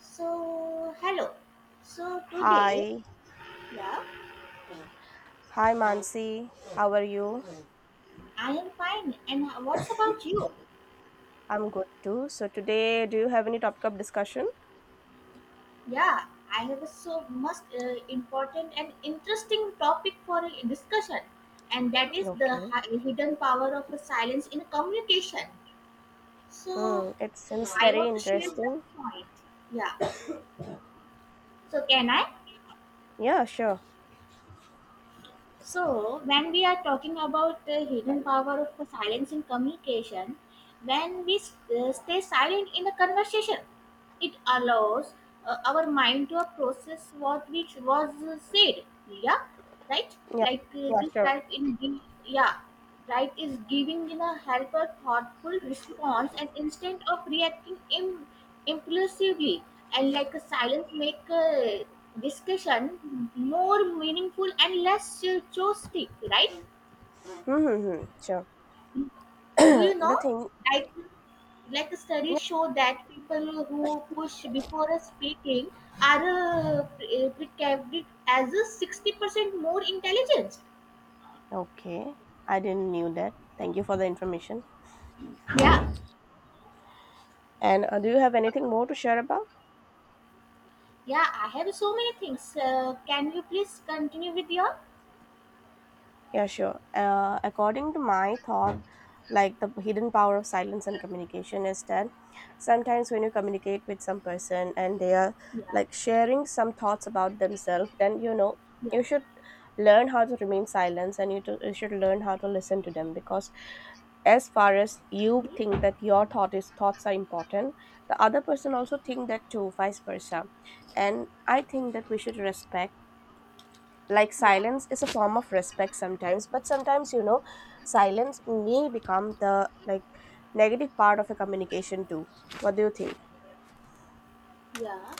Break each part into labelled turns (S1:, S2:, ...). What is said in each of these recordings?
S1: So, hello. So, today,
S2: Hi.
S1: yeah,
S2: Hi, Mansi. How are you?
S1: I am fine. And what's about you?
S2: I'm good too. So today, do you have any topic of discussion?
S1: Yeah, I have a so much important and interesting topic for a discussion, and that is the
S2: Okay.
S1: hidden power of a silence in communication. So,
S2: Hmm. It seems
S1: I
S2: very
S1: want to share some
S2: interesting.
S1: point. Yeah. So, can I?
S2: Yeah, sure.
S1: So, when we are talking about the hidden power of silence in communication, when we stay silent in a conversation, it allows our mind to process what which was said, yeah, right.
S2: Yeah. Yeah,
S1: This
S2: sure.
S1: help in yeah, right, is giving in a help a thoughtful response and instead of reacting impulsively, and like a silence make a discussion more meaningful and less chaotic, right?
S2: Hmm. Sure.
S1: Do you know?
S2: the thing.
S1: Like like a study show that people who push before a speaking are precaved as a 60% more intelligent.
S2: Yeah. Okay. I didn't knew that. Thank you for the information.
S1: Yeah,
S2: And do you have anything more to share about?
S1: yeah, I have so many things. Can you please continue with your?
S2: Yeah, sure. According to my thought, like the hidden power of silence and communication is that sometimes when you communicate with some person and they are
S1: Yeah,
S2: like sharing some thoughts about themselves, then
S1: yeah,
S2: you should learn how to remain silent and you should learn how to listen to them, because as far as you think that your thought is thoughts are important, the other person also think that too, vice versa. And I think that we should respect, like
S1: yeah,
S2: silence is a form of respect sometimes, but sometimes silence may become the like negative part of a communication too. What do you think?
S1: yeah.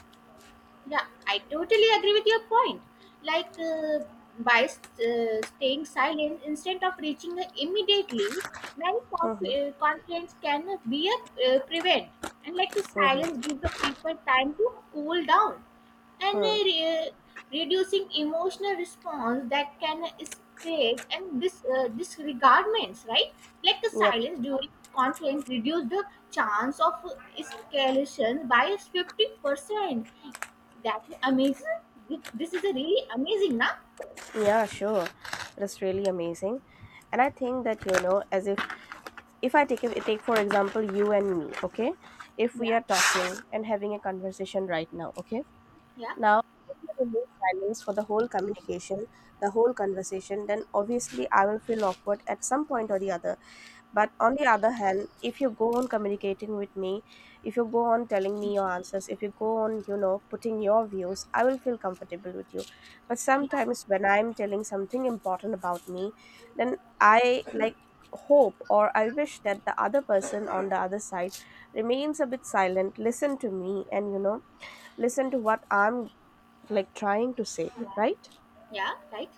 S1: Yeah, I totally agree with your point. Like uh, by staying silent instead of reaching immediately, many
S2: Mhm,
S1: conflicts can be prevent. And silence
S2: mhm,
S1: gives the people time to cool down and
S2: mhm.
S1: reducing emotional response that can spread and disregardments, right? Like the
S2: Yep.
S1: silence during conflict reduce the chance of escalation by 50%. That amazing. This is a really amazing, na?
S2: Yeah, sure. That's really amazing. And I think that, you know, as if I take for example you and me, okay? If we
S1: Yeah,
S2: are talking and having a conversation right now, okay?
S1: yeah,
S2: Now, if you remove silence for the whole communication, the whole conversation, then obviously I will feel awkward at some point or the other. But on the other hand, if you go on communicating with me, if you go on telling me your answers, if you go on, putting your views, I will feel comfortable with you. But
S1: yeah,
S2: sometimes when I'm telling something important about me, then I like hope or I wish that the other person on the other side remains a bit silent, listen to me, and listen to what I'm like trying to say,
S1: yeah,
S2: right?
S1: yeah, right.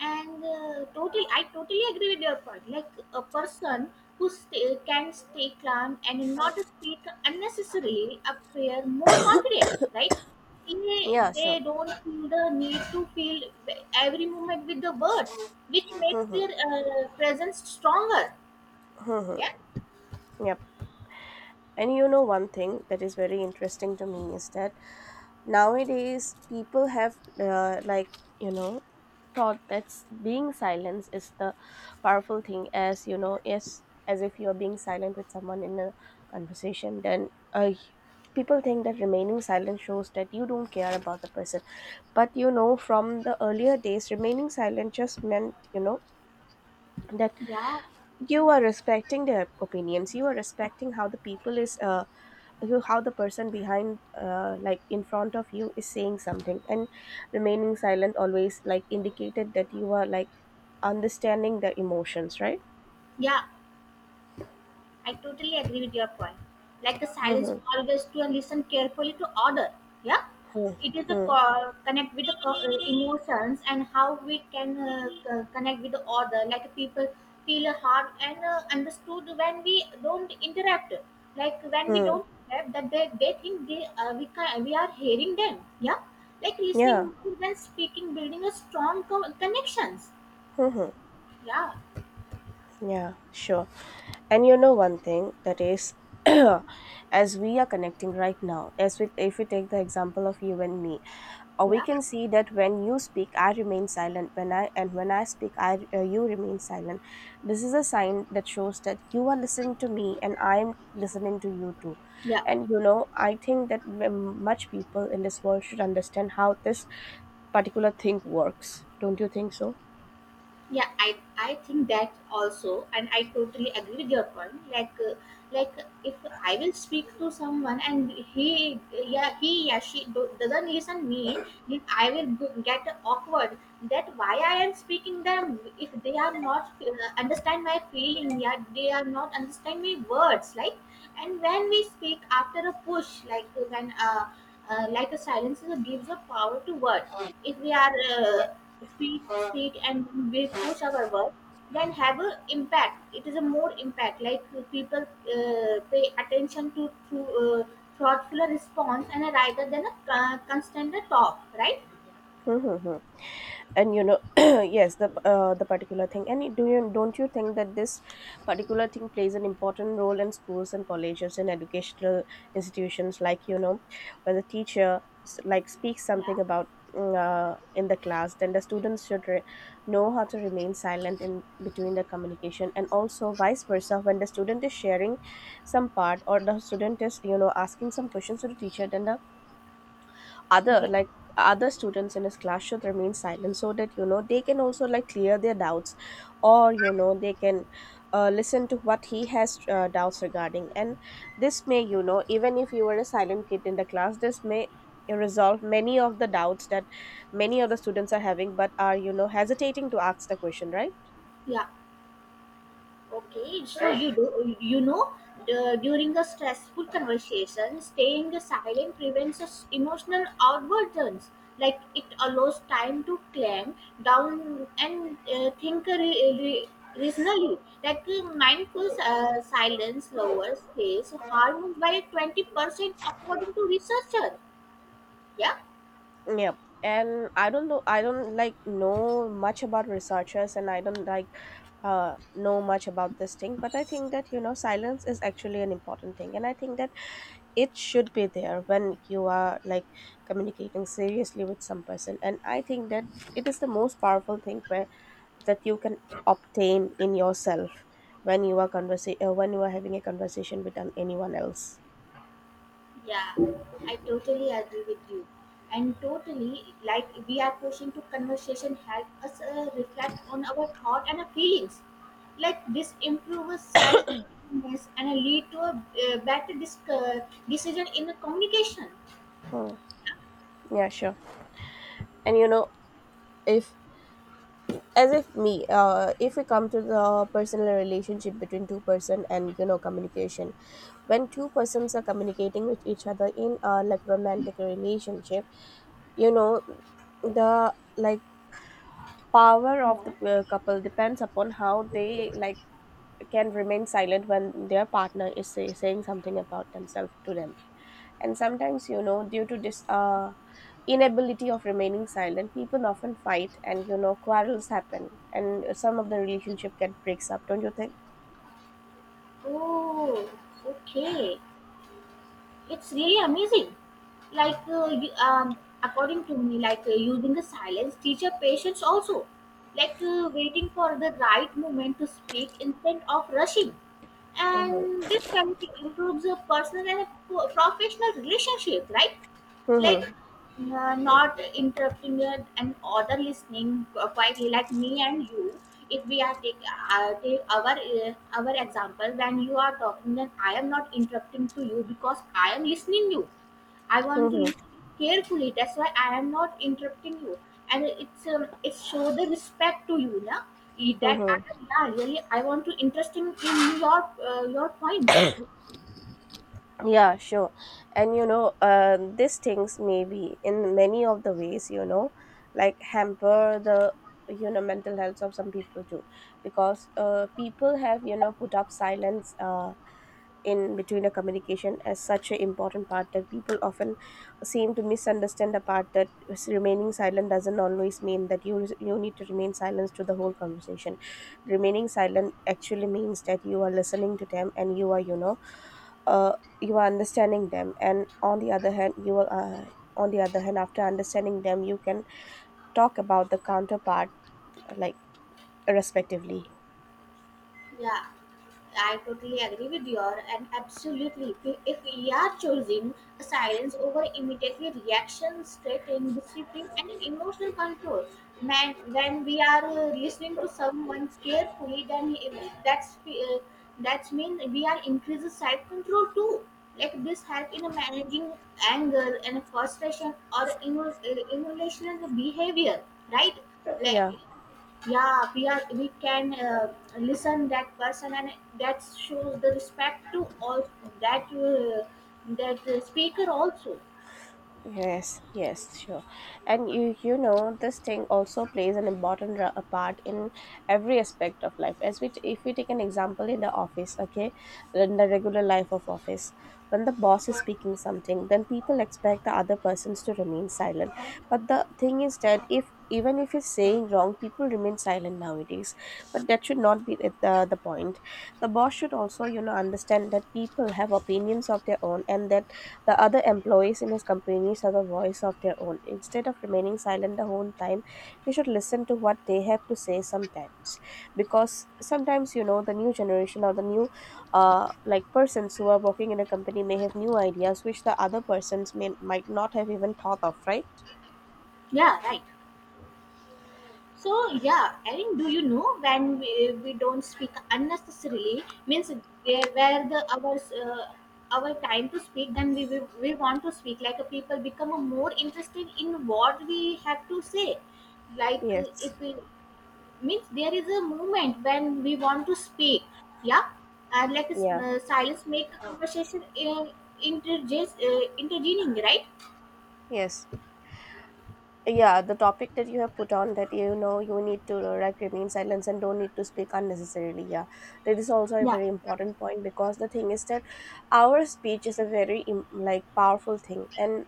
S1: And totally, I totally agree with your point. Like a person who can stay calm and not speak unnecessarily appear more confident, right?
S2: Yeah,
S1: They
S2: sure.
S1: don't feel the need to feel every moment with the words, which makes their presence stronger. Yeah,
S2: Yep. And you know, one thing that is very interesting to me is that nowadays people have, like, thought that being silent is the powerful thing, as you know, as if you are being silent with someone in a conversation, then people think that remaining silent shows that you don't care about the person. But you know, from the earlier days, remaining silent just meant, you know, that
S1: yeah,
S2: you are respecting their opinions, you are respecting how the people is how the person behind like in front of you is saying something, and remaining silent always like indicated that you are like understanding their emotions, right?
S1: yeah. I totally agree with your point. Like the silence
S2: Mm-hmm.
S1: always to listen carefully to order. Yeah, it is the
S2: Hmm.
S1: connect with the emotions and how we can connect with the order. Like people feel hard and understood when we don't interact. Like when we
S2: Hmm.
S1: don't interact, that they think we are hearing them. Yeah, like
S2: Yeah.
S1: listening more than speaking, building a strong connections. Yeah,
S2: Yeah, sure. And you know one thing that is as we are connecting right now, as we if we take the example of you and me, or we
S1: yeah,
S2: can see that when you speak I remain silent, when I and when I speak I you remain silent. This is a sign that shows that you are listening to me and I am listening to you too.
S1: yeah.
S2: And you know I think that much people in this world should understand how this particular thing works, don't you think so?
S1: Yeah, I think that also, and I totally agree with your point. Like if I will speak to someone and he doesn't listen me, then I will get awkward, that why I am speaking them if they are not understand my feeling, yeah, they are not understand my words. Like, and when we speak after a push, like a silence is gives a power to word. If we are if we speak and we push our work, then have a impact, it is a more impact. People pay attention to, thoughtful response and a rather than a constant talk, right?
S2: And you know yes the particular thing, and do you don't you think that this particular thing plays an important role in schools and colleges and educational institutions? Like you know, when the teacher like speaks
S1: Yeah,
S2: something about in the class, then the students should know how to remain silent in between the communication. And also vice versa, when the student is sharing some part, or the student is you know asking some questions to the teacher, then the other
S1: yeah,
S2: like other students in his class should remain silent, so that you know they can also like clear their doubts, or you know they can listen to what he has doubts regarding. And this may you know, even if you were a silent kid in the class, this may resolve many of the doubts that many of the students are having but are you know hesitating to ask the question, right?
S1: yeah. Okay, so you do you know, the, during the stressful conversation, staying silent prevents us emotional outbursts. Like it allows time to calm down and think reasonably. Mindful silence lowers stress harm by 20% according to researcher. Yeah.
S2: Yep. And I don't know, I don't like know much about researchers, and I don't like know much about this thing, but I think that you know silence is actually an important thing, and I think that it should be there when you are like communicating seriously with some person. And I think that it is the most powerful thing where that you can obtain in yourself when you are when you are having a conversation with anyone else.
S1: Yeah, I totally agree with you. And totally, like we are pushing to conversation help us reflect on our thought and our feelings. Like this improves self-awareness and lead to a better decision in the communication.
S2: Hmm. Yeah, sure. And you know, if as if me, if we come to the personal relationship between two person, and you know communication, when two persons are communicating with each other in a like romantic relationship, you know, the like power of
S1: Yeah.
S2: the couple depends upon how they like can remain silent when their partner is saying something about themselves to them. And sometimes you know due to this inability of remaining silent, people often fight and you know quarrels happen, and some of the relationship get breaks up, don't you think?
S1: Oh, okay. It's really amazing. According to me, using the silence teacher patience also, waiting for the right moment to speak instead of rushing, and
S2: Mm-hmm.
S1: this quality improves a personal and a professional relationship, right? Like
S2: Mm-hmm.
S1: not interrupting it and other listening quietly, like me and you. If we are take our example, when you are talking, then I am not interrupting to you because I am listening you. I want to listen carefully. That's why I am not interrupting you. And it's it show the respect to you, yeah. That I,
S2: Mm-hmm.
S1: yeah, really I want to interesting in your points.
S2: Yeah, sure. And you know, these things may be in many of the ways, you know, like hamper the you know mental health of some people too, because people have you know put up silence in between the communication as such an important part that people often seem to misunderstand the part that remaining silent doesn't always mean that you need to remain silent to the whole conversation. Remaining silent actually means that you are listening to them and you are you know uh, you are understanding them, and on the other hand you are on the other hand after understanding them you can talk about the counterpart, like respectively.
S1: Yeah, I totally agree with you, and absolutely, if we are choosing a silence over immediately reactions, threatening discipline, and an emotional control, man, when we are listening to someone carefully, then if that's that's mean we are increasing self control too. Like this help in managing anger and frustration or emotional behavior, right? Like,
S2: Yeah.
S1: yeah, we can listen that person, and that shows the respect to all, that uh, that speaker also.
S2: Yes, yes, sure. And you know this thing also plays an important a part in every aspect of life. As we if we take an example in the office, okay, in the regular life of office, when the boss is speaking something, then people expect the other persons to remain silent. But the thing is that if even if he's saying wrong, people remain silent nowadays. But that should not be the, the point. The boss should also, you know, understand that people have opinions of their own, and that the other employees in his companies are the voice of their own. Instead of remaining silent the whole time, he should listen to what they have to say sometimes. Because sometimes, you know, the new generation or the new like persons who are working in a company may have new ideas which the other persons may might not have even thought of, right?
S1: Yeah, right. So, yeah, and do you know, when we don't speak unnecessarily means there where the uh, our time to speak, then we want to speak, like a people become more interested in what we have to say. like uh,
S2: Yes.
S1: if we means there is a moment when we want to speak, yeah. And
S2: Yeah.
S1: silence make a conversation interges intervening, right?
S2: Yes. Yeah, the topic that you have put on, that you know you need to like remain silent and don't need to speak unnecessarily. Yeah, that is also a
S1: Yeah.
S2: very important point, because the thing is that our speech is a very like powerful thing, and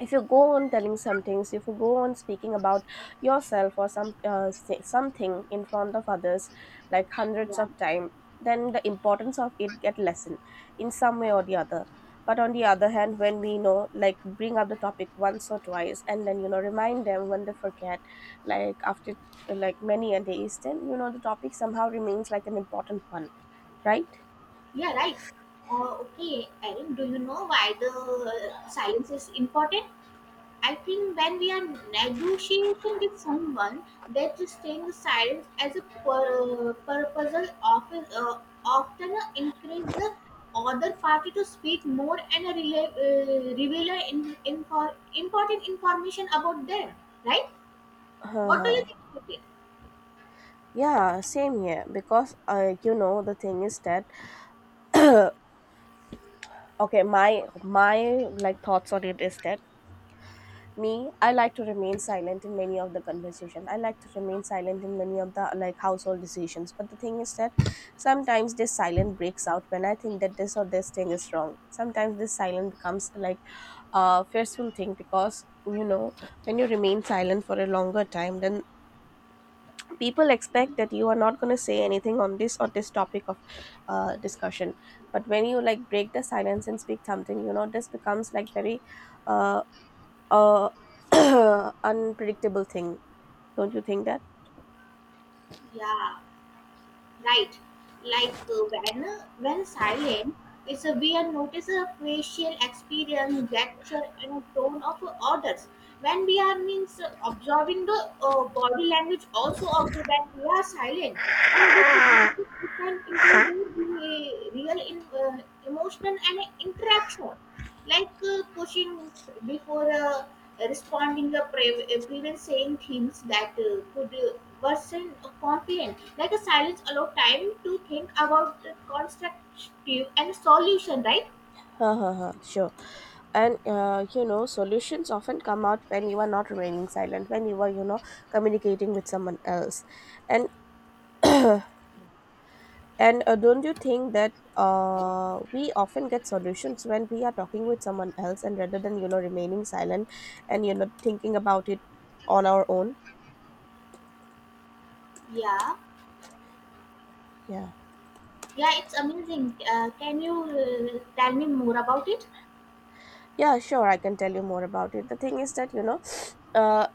S2: if you go on telling some things, if you go on speaking about yourself or some say something in front of others like hundreds
S1: Yeah,
S2: of time, then the importance of it get lessened in some way or the other. But on the other hand, when we know like bring up the topic once or twice, and then you know remind them when they forget, like after like many a days, then you know the topic somehow remains like an important one, right?
S1: yeah, right. Okay, Erin, do you know why the silence is important? I think when we are negotiating with someone, that staying silent as a purpose of often encourage the other party to speak more and reveal a important information about them, right? What do you
S2: Uh-huh.
S1: think about it?
S2: Yeah, same here, because you know the thing is that okay, my like thoughts on it is that me I like to remain silent in many of the conversation, I like to remain silent in many of the like household decisions, but the thing is that sometimes this silence breaks out when I think that this or this thing is wrong. Sometimes this silence becomes like a fearful thing, because you know when you remain silent for a longer time, then people expect that you are not going to say anything on this or this topic of discussion. But when you like break the silence and speak something, you know this becomes like very uh, uh, unpredictable thing, don't you think that?
S1: Yeah, right. Like uh, when when silent, it's a we are notice a facial expression, gesture and a tone of orders, when we are means observing the body language also of the that we are silent, and this is different into the emotional and interaction. Pushing before responding prevent saying things that could worsen confidence. Like a silence allow time to think about the constructive and solution, right?
S2: Huh, huh, huh. Sure. And you know solutions often come out when you are not remaining silent, when you are you know communicating with someone else. and And don't you think that we often get solutions when we are talking with someone else, and rather than you know remaining silent and you know thinking about it on our own?
S1: Yeah,
S2: Yeah,
S1: yeah, it's amazing. Can you tell me more about it?
S2: yeah, sure. I can tell you more about it. The thing is that you know, uh,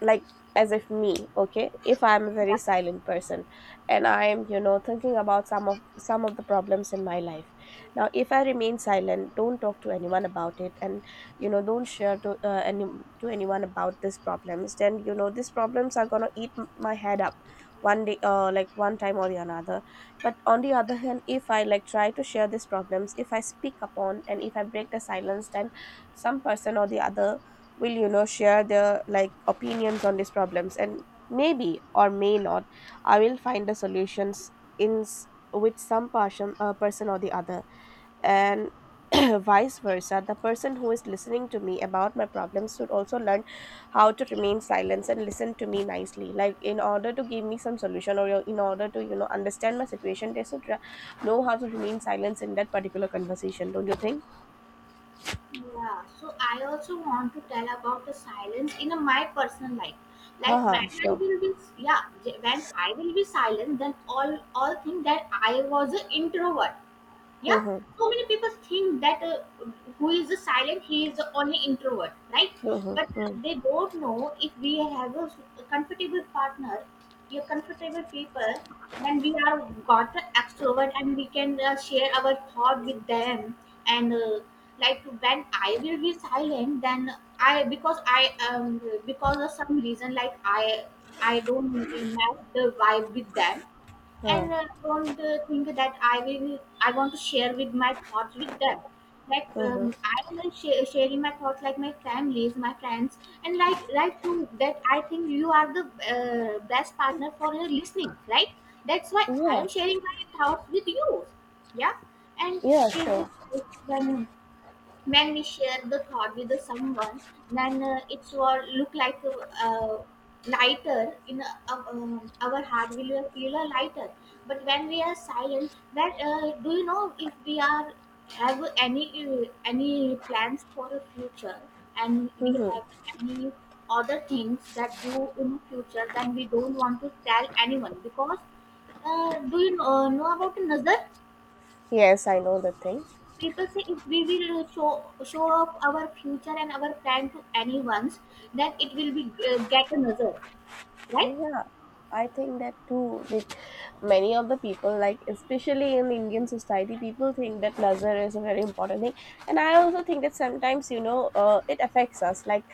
S2: like, as if me, okay, if I'm a very silent person and I'm you know thinking about some of the problems in my life. Now if I remain silent, don't talk to anyone about it and you know don't share to any to anyone about these problems, then you know these problems are gonna eat my head up one day, like one time or the another. But on the other hand, if I like try to share these problems, if I speak upon and if I break the silence, then some person or the other will you know share their like opinions on these problems, and maybe or may not I will find the solutions in s- with some person, person or the other. And vice versa, the person who is listening to me about my problems should also learn how to remain silent and listen to me nicely, like in order to give me some solution or in order to you know understand my situation. They know how to remain silent in that particular conversation, don't you think?
S1: Yeah, so I also want to tell about the silence in my personal life. Like
S2: Haha,
S1: when I
S2: sure.
S1: will be, yeah, when I will be silent, then all think that I was an introvert, yeah.
S2: Hmm, hmm,
S1: So many people think that who is silent he is only introvert, right?
S2: hmm, hmm,
S1: But
S2: hmm,
S1: they don't know, if we have a comfortable partner, we are comfortable people, then we are got the extrovert, and we can share our thought with them. And when I will be silent, then I, because I, because of some reason, I don't match the vibe with them,
S2: huh.
S1: and don't think that I will. I want to share with my thoughts with them. Like
S2: Mm-hmm.
S1: I will like share, sharing my thoughts, like my families, my friends, and like you. That I think you are the best partner for your listening, right? That's why I
S2: Yeah,
S1: am sharing my thoughts with you. Yeah, and it
S2: yeah,
S1: is
S2: sure.
S1: when when we share the thought with the someone, then it's what look like a uh, lighter in a, our heart will feel a lighter. But when we are silent, that do you know, if we are have any plans for the future, and we
S2: Mm-hmm.
S1: have any other things that do in future, then we don't want to tell anyone, because do you know about nazar.
S2: Yes, I know the thing.
S1: People say if we will show off our future and our plan to anyone's, then it will be get another, right?
S2: Yeah, I think that too. Like many of the people, like especially in Indian society, people think that nazar is a very important thing, and I also think that sometimes you know it affects us. Like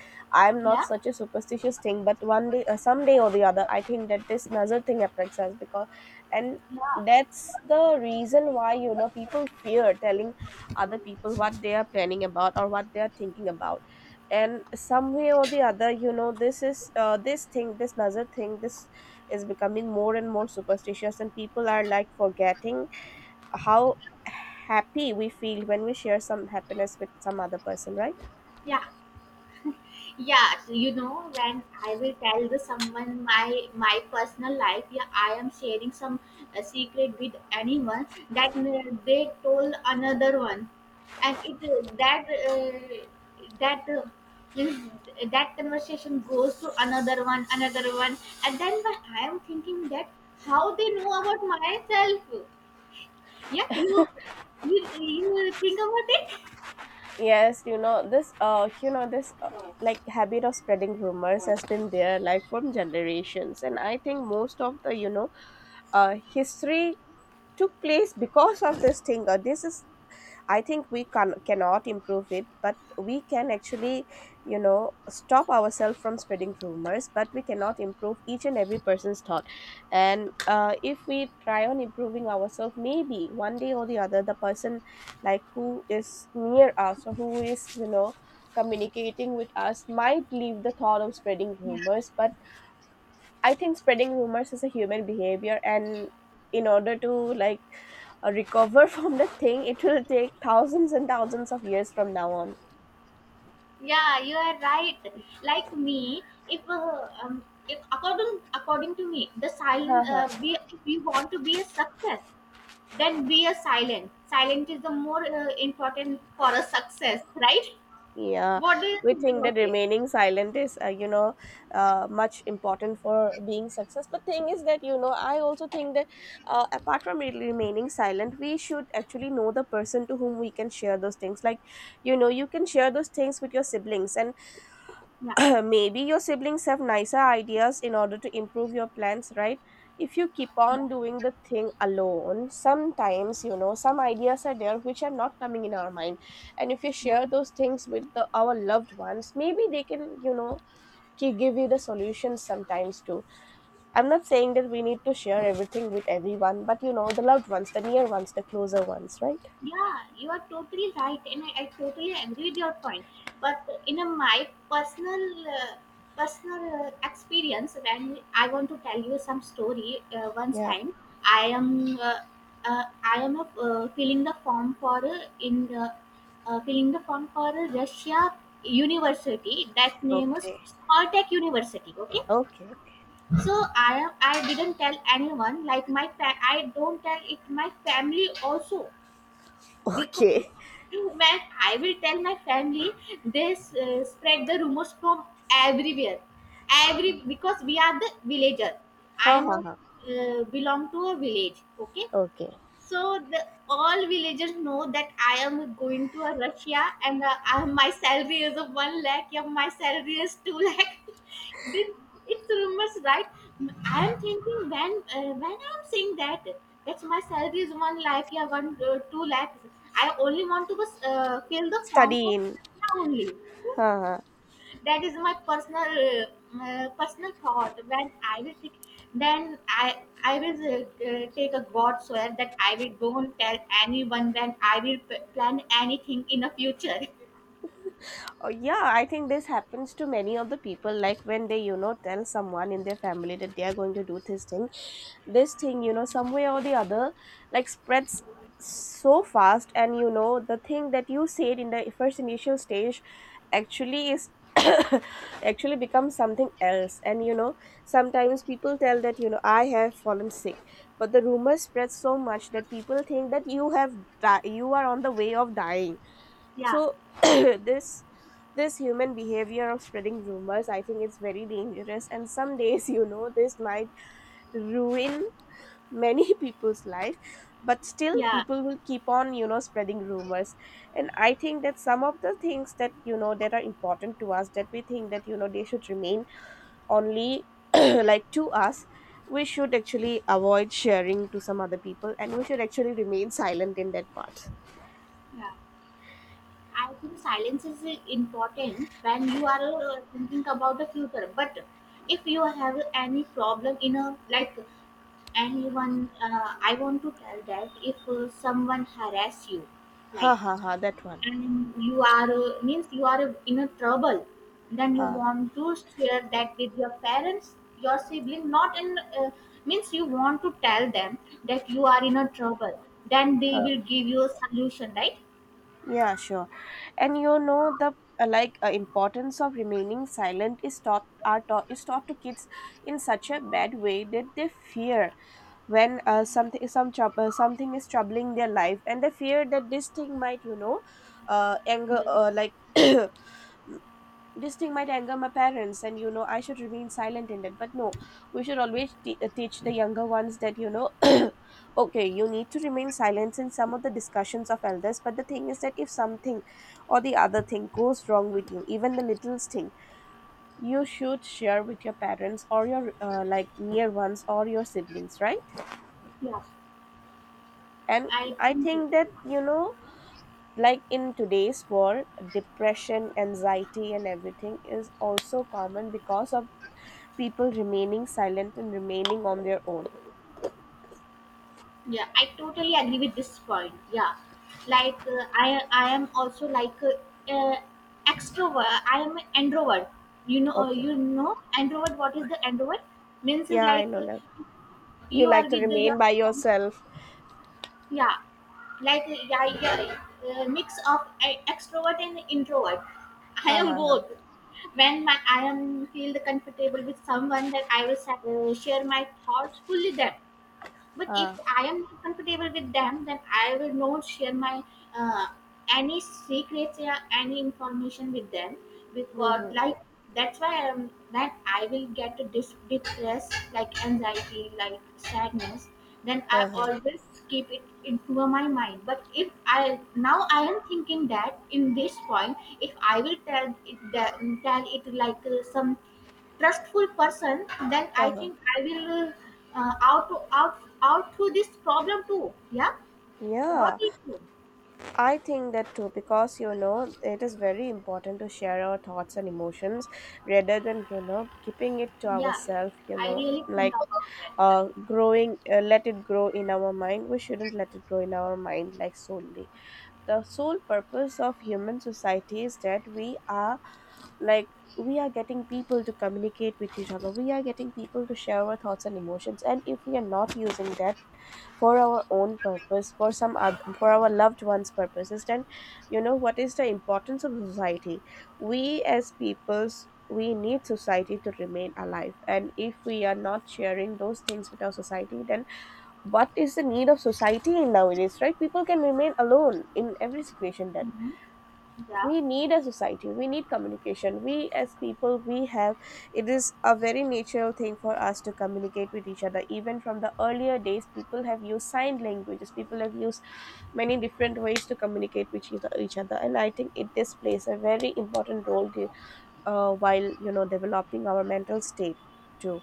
S2: I'm not
S1: Yeah,
S2: such a superstitious thing, but one day, someday or the other, I think that this nazar thing affects us because, and
S1: yeah,
S2: that's the reason why you know people fear telling other people what they are planning about or what they are thinking about. And some way or the other you know this is this thing, this nazar thing, this is becoming more and more superstitious, and people are like forgetting how happy we feel when we share some happiness with some other person, right?
S1: yeah. Yeah, so you know, when I will tell the someone my my personal life, yeah, I am sharing some secret with anyone, that they told another one, and it that that means that conversation goes to another one, and then when I am thinking that how they know about myself, yeah, you think about it.
S2: Yes, you know this you know this, like habit of spreading rumors has been there like from generations, and I think most of the you know history took place because of this thing, or this is, I think we can cannot improve it, but we can actually you know stop ourselves from spreading rumors, but we cannot improve each and every person's thought. And if we try on improving ourselves, maybe one day or the other, the person like who is near us or who is you know communicating with us might leave the thought of spreading rumors. But I think spreading rumors is a human behavior, and in order to like recover from the thing, it will take thousands and thousands of years from now on.
S1: Yeah, you are right. Like me, if uh, um, if according according to me, the silent,
S2: Haha.
S1: we if we want to be a success, then be a silent. Silent is the more important for a success, right?
S2: Yeah,
S1: What do you
S2: we
S1: think
S2: think that
S1: about it?
S2: remaining silent is, you know, much important for being success. But thing is that you know, I also think that apart from remaining silent, we should actually know the person to whom we can share those things. Like, you know, you can share those things with your siblings, and
S1: Yeah,
S2: maybe your siblings have nicer ideas in order to improve your plans, right? If you keep
S1: yeah,
S2: on doing the thing alone, sometimes, you know, some ideas are there which are not coming in our mind. And if you
S1: yeah.
S2: share those things with the, our loved ones, maybe they can, you know, give you the solutions sometimes too. I'm not saying that we need to share everything with everyone, but you know, the loved ones, the near ones, the closer ones, right?
S1: Yeah, you are totally right, and I totally agree with your point. But in a, my personal personal experience, when I want to tell you some story, once
S2: Yeah.
S1: time I am uh, I am filling the form for in filling the form for Russia University, that name is
S2: Okay.
S1: Caltech University. Okay,
S2: Okay. Okay.
S1: so I am I didn't tell anyone, like my I don't tell it my family also, because
S2: Okay.
S1: when I will tell my family, they spread the rumors from everywhere. Every because we are the villager. I
S2: Ha
S1: am
S2: ha
S1: a,
S2: ha.
S1: belong to a village. Okay,
S2: Okay.
S1: so the, all villagers know that I am going to a Russia, and my salary is of one lakh. Yeah, my salary is two lakh. This it's rumors, right? I am thinking when I am saying that that's my salary is one lakh. Yeah, one two lakhs. I only want to fill the form
S2: Study
S1: for
S2: in.
S1: Russia only.
S2: Huh.
S1: That is my personal personal thought. When I will take, then I will take a god swear that I will don't tell anyone when I will plan anything in the future.
S2: Oh, yeah, I think this happens to many of the people. Like when they, you know, tell someone in their family that they are going to do this thing, you know, some way or the other, like spreads so fast. And, you know, the thing that you said in the first initial stage actually is actually becomes something else. And, you know, sometimes people tell that, you know, I have fallen sick, but the rumor spreads so much that people think that you have, you are on the way of dying.
S1: Yeah,
S2: So this this human behavior of spreading rumors, I think it's very dangerous, and some days, you know, this might ruin many people's life. But still
S1: yeah,
S2: people will keep on you know spreading rumors. And I think that some of the things that you know that are important to us, that we think that you know they should remain only like to us, we should actually avoid sharing to some other people, and we should actually remain silent in that part.
S1: yeah, I think silence is important when you are thinking about the future. But if you have any problem in a like anyone, I want to tell that if someone harass you,
S2: Ha
S1: like,
S2: ha ha, that one.
S1: and you are means you are in a trouble, then you
S2: Ha.
S1: want to share that with your parents, your sibling, not in means you want to tell them that you are in a trouble, then they
S2: Huh.
S1: will give you a solution, right?
S2: Yeah, sure. And you know the like importance of remaining silent is taught are taught is taught to kids in such a bad way that they fear when something, some trouble, something is troubling their life, and they fear that this thing might you know anger
S1: Yes,
S2: like this thing might anger my parents, and you know I should remain silent in it. But no, we should always teach the younger ones that you know okay, you need to remain silent in some of the discussions of elders, but the thing is that if something or the other thing goes wrong with you, even the littlest thing, you should share with your parents or your like near ones or your siblings, right?
S1: yeah.
S2: And
S1: I
S2: I
S1: think it,
S2: think that you know like in today's world, depression, anxiety, and everything is also common because of people remaining silent and remaining on their own.
S1: yeah, I totally agree with this point, yeah. I am also like uh, extrovert I am an introvert. You know
S2: Okay.
S1: you know introvert, what is the introvert means?
S2: Yeah, I know now. You
S1: You are
S2: like to
S1: with the
S2: remain by
S1: young,
S2: yourself.
S1: yeah, like, yeah, yeah, mix of extrovert and introvert. I
S2: Ha
S1: am
S2: ha ha.
S1: both. When my I am feel comfortable with someone, that I will share my thoughts fully them. But if
S2: Ha.
S1: I am not comfortable with them, then I will not share my uh, any secrets or any information with them, because
S2: Mm-hmm.
S1: like that's why I am that I will get a depressed, like anxiety, like sadness, then
S2: Ha
S1: I
S2: ha.
S1: always keep it into my mind. But if I now I am thinking that in this point, if I will tell it that, tell it like some trustful person, then
S2: Ha
S1: I
S2: ha.
S1: think I will out to out through this problem too. Yeah, what
S2: Yeah,
S1: do you think?
S2: I think that too, because you know it is very important to share our thoughts and emotions rather than you know keeping it to
S1: Yeah,
S2: ourselves, you
S1: I
S2: know,
S1: really think
S2: like
S1: about that. Yeah.
S2: growing, let it grow in our mind. We shouldn't let it grow in our mind, like solely the sole purpose of human society is that we are, like, we are getting people to communicate with each other, we are getting people to share our thoughts and emotions, and if we are not using that for our own purpose, for some other, for our loved ones purposes, then you know what is the importance of society? We as peoples, we need society to remain alive, and if we are not sharing those things with our society, then what is the need of society in nowadays, right? People can remain alone in every situation. Then
S1: Mhm. Yeah,
S2: we need a society, we need communication. We as people, we have, it is a very natural thing for us to communicate with each other. Even from the earlier days, people have used sign languages, people have used many different ways to communicate with each other, and I think it this plays a very important role while you know developing our mental state too.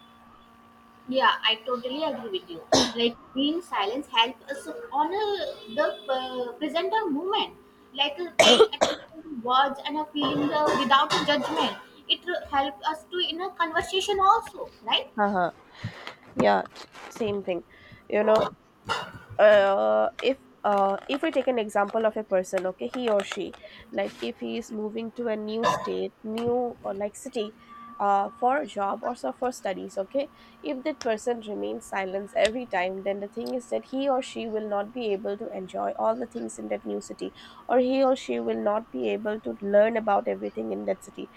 S1: yeah, I totally agree with you. Like being silence helps us honor the present moment, like paying attention to words and feeling without judgment. It helps us to in a conversation also, right?
S2: Haha, yeah, same thing, you know, if if we take an example of a person, okay, he or she, like if he is moving to a new state, new or like city, for a job or so, for studies, okay, if that person remains silent every time, then the thing is that he or she will not be able to enjoy all the things in that new city, or he or she will not be able to learn about everything in that city.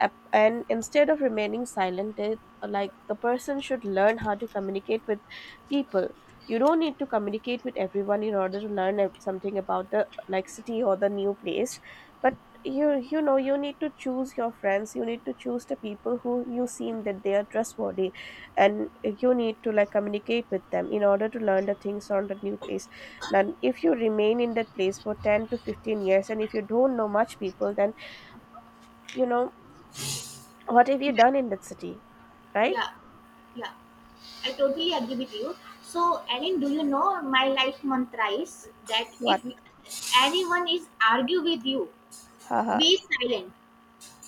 S2: And instead of remaining silent, they, like the person should learn how to communicate with people. You don't need to communicate with everyone in order to learn something about the like city or the new place, but you know you need to choose your friends, you need to choose the people who you seem that they are trustworthy, and you need to like communicate with them in order to learn the things on the new place. And if you remain in that place for 10 to 15 years and if you don't know much people, then you know what have you done in that city? Right?
S1: Yeah, yeah. I totally agree with you. So, Ellen, do you know my life mantra is that
S2: What?
S1: if anyone is argue with you,
S2: Haha.
S1: be silent.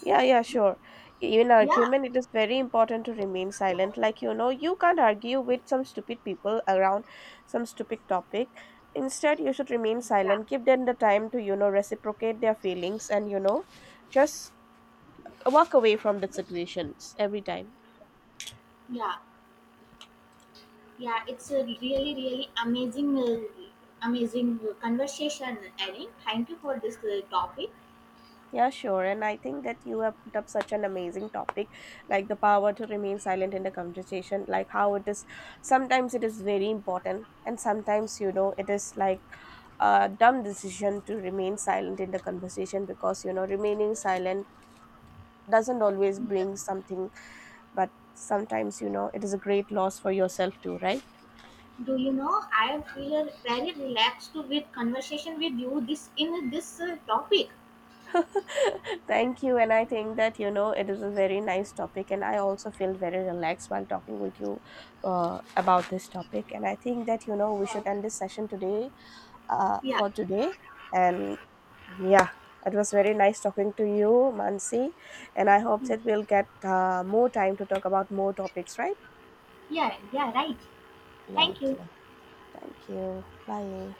S2: Yeah, yeah, sure. In
S1: Yeah,
S2: argument, it is very important to remain silent. Like, you know, you can't argue with some stupid people around some stupid topic. Instead, you should remain
S1: yeah,
S2: silent. Give them the time to, you know, reciprocate their feelings, and, you know, just walk away from the situations every time.
S1: yeah, yeah. It's a really, really amazing, amazing conversation, Ellen. Thank you for this topic.
S2: Yeah, sure. And I think that you have put up such an amazing topic, like the power to remain silent in the conversation, like how it is sometimes it is very important, and sometimes, you know, it is like a dumb decision to remain silent in the conversation, because, you know, remaining silent doesn't always bring something, but sometimes, you know, it is a great loss for yourself too, right?
S1: Do you know I feel very relaxed with conversation with you this in this topic.
S2: Thank you. And I think that, you know, it is a very nice topic. And I also feel very relaxed while talking with you about this topic. And I think that, you know, we should end this session today
S1: Yeah,
S2: for today. And yeah, it was very nice talking to you, Mansi. And I hope that we'll get more time to talk about more topics, right?
S1: yeah, yeah. Right. Thank you.
S2: Okay. Thank you. Bye.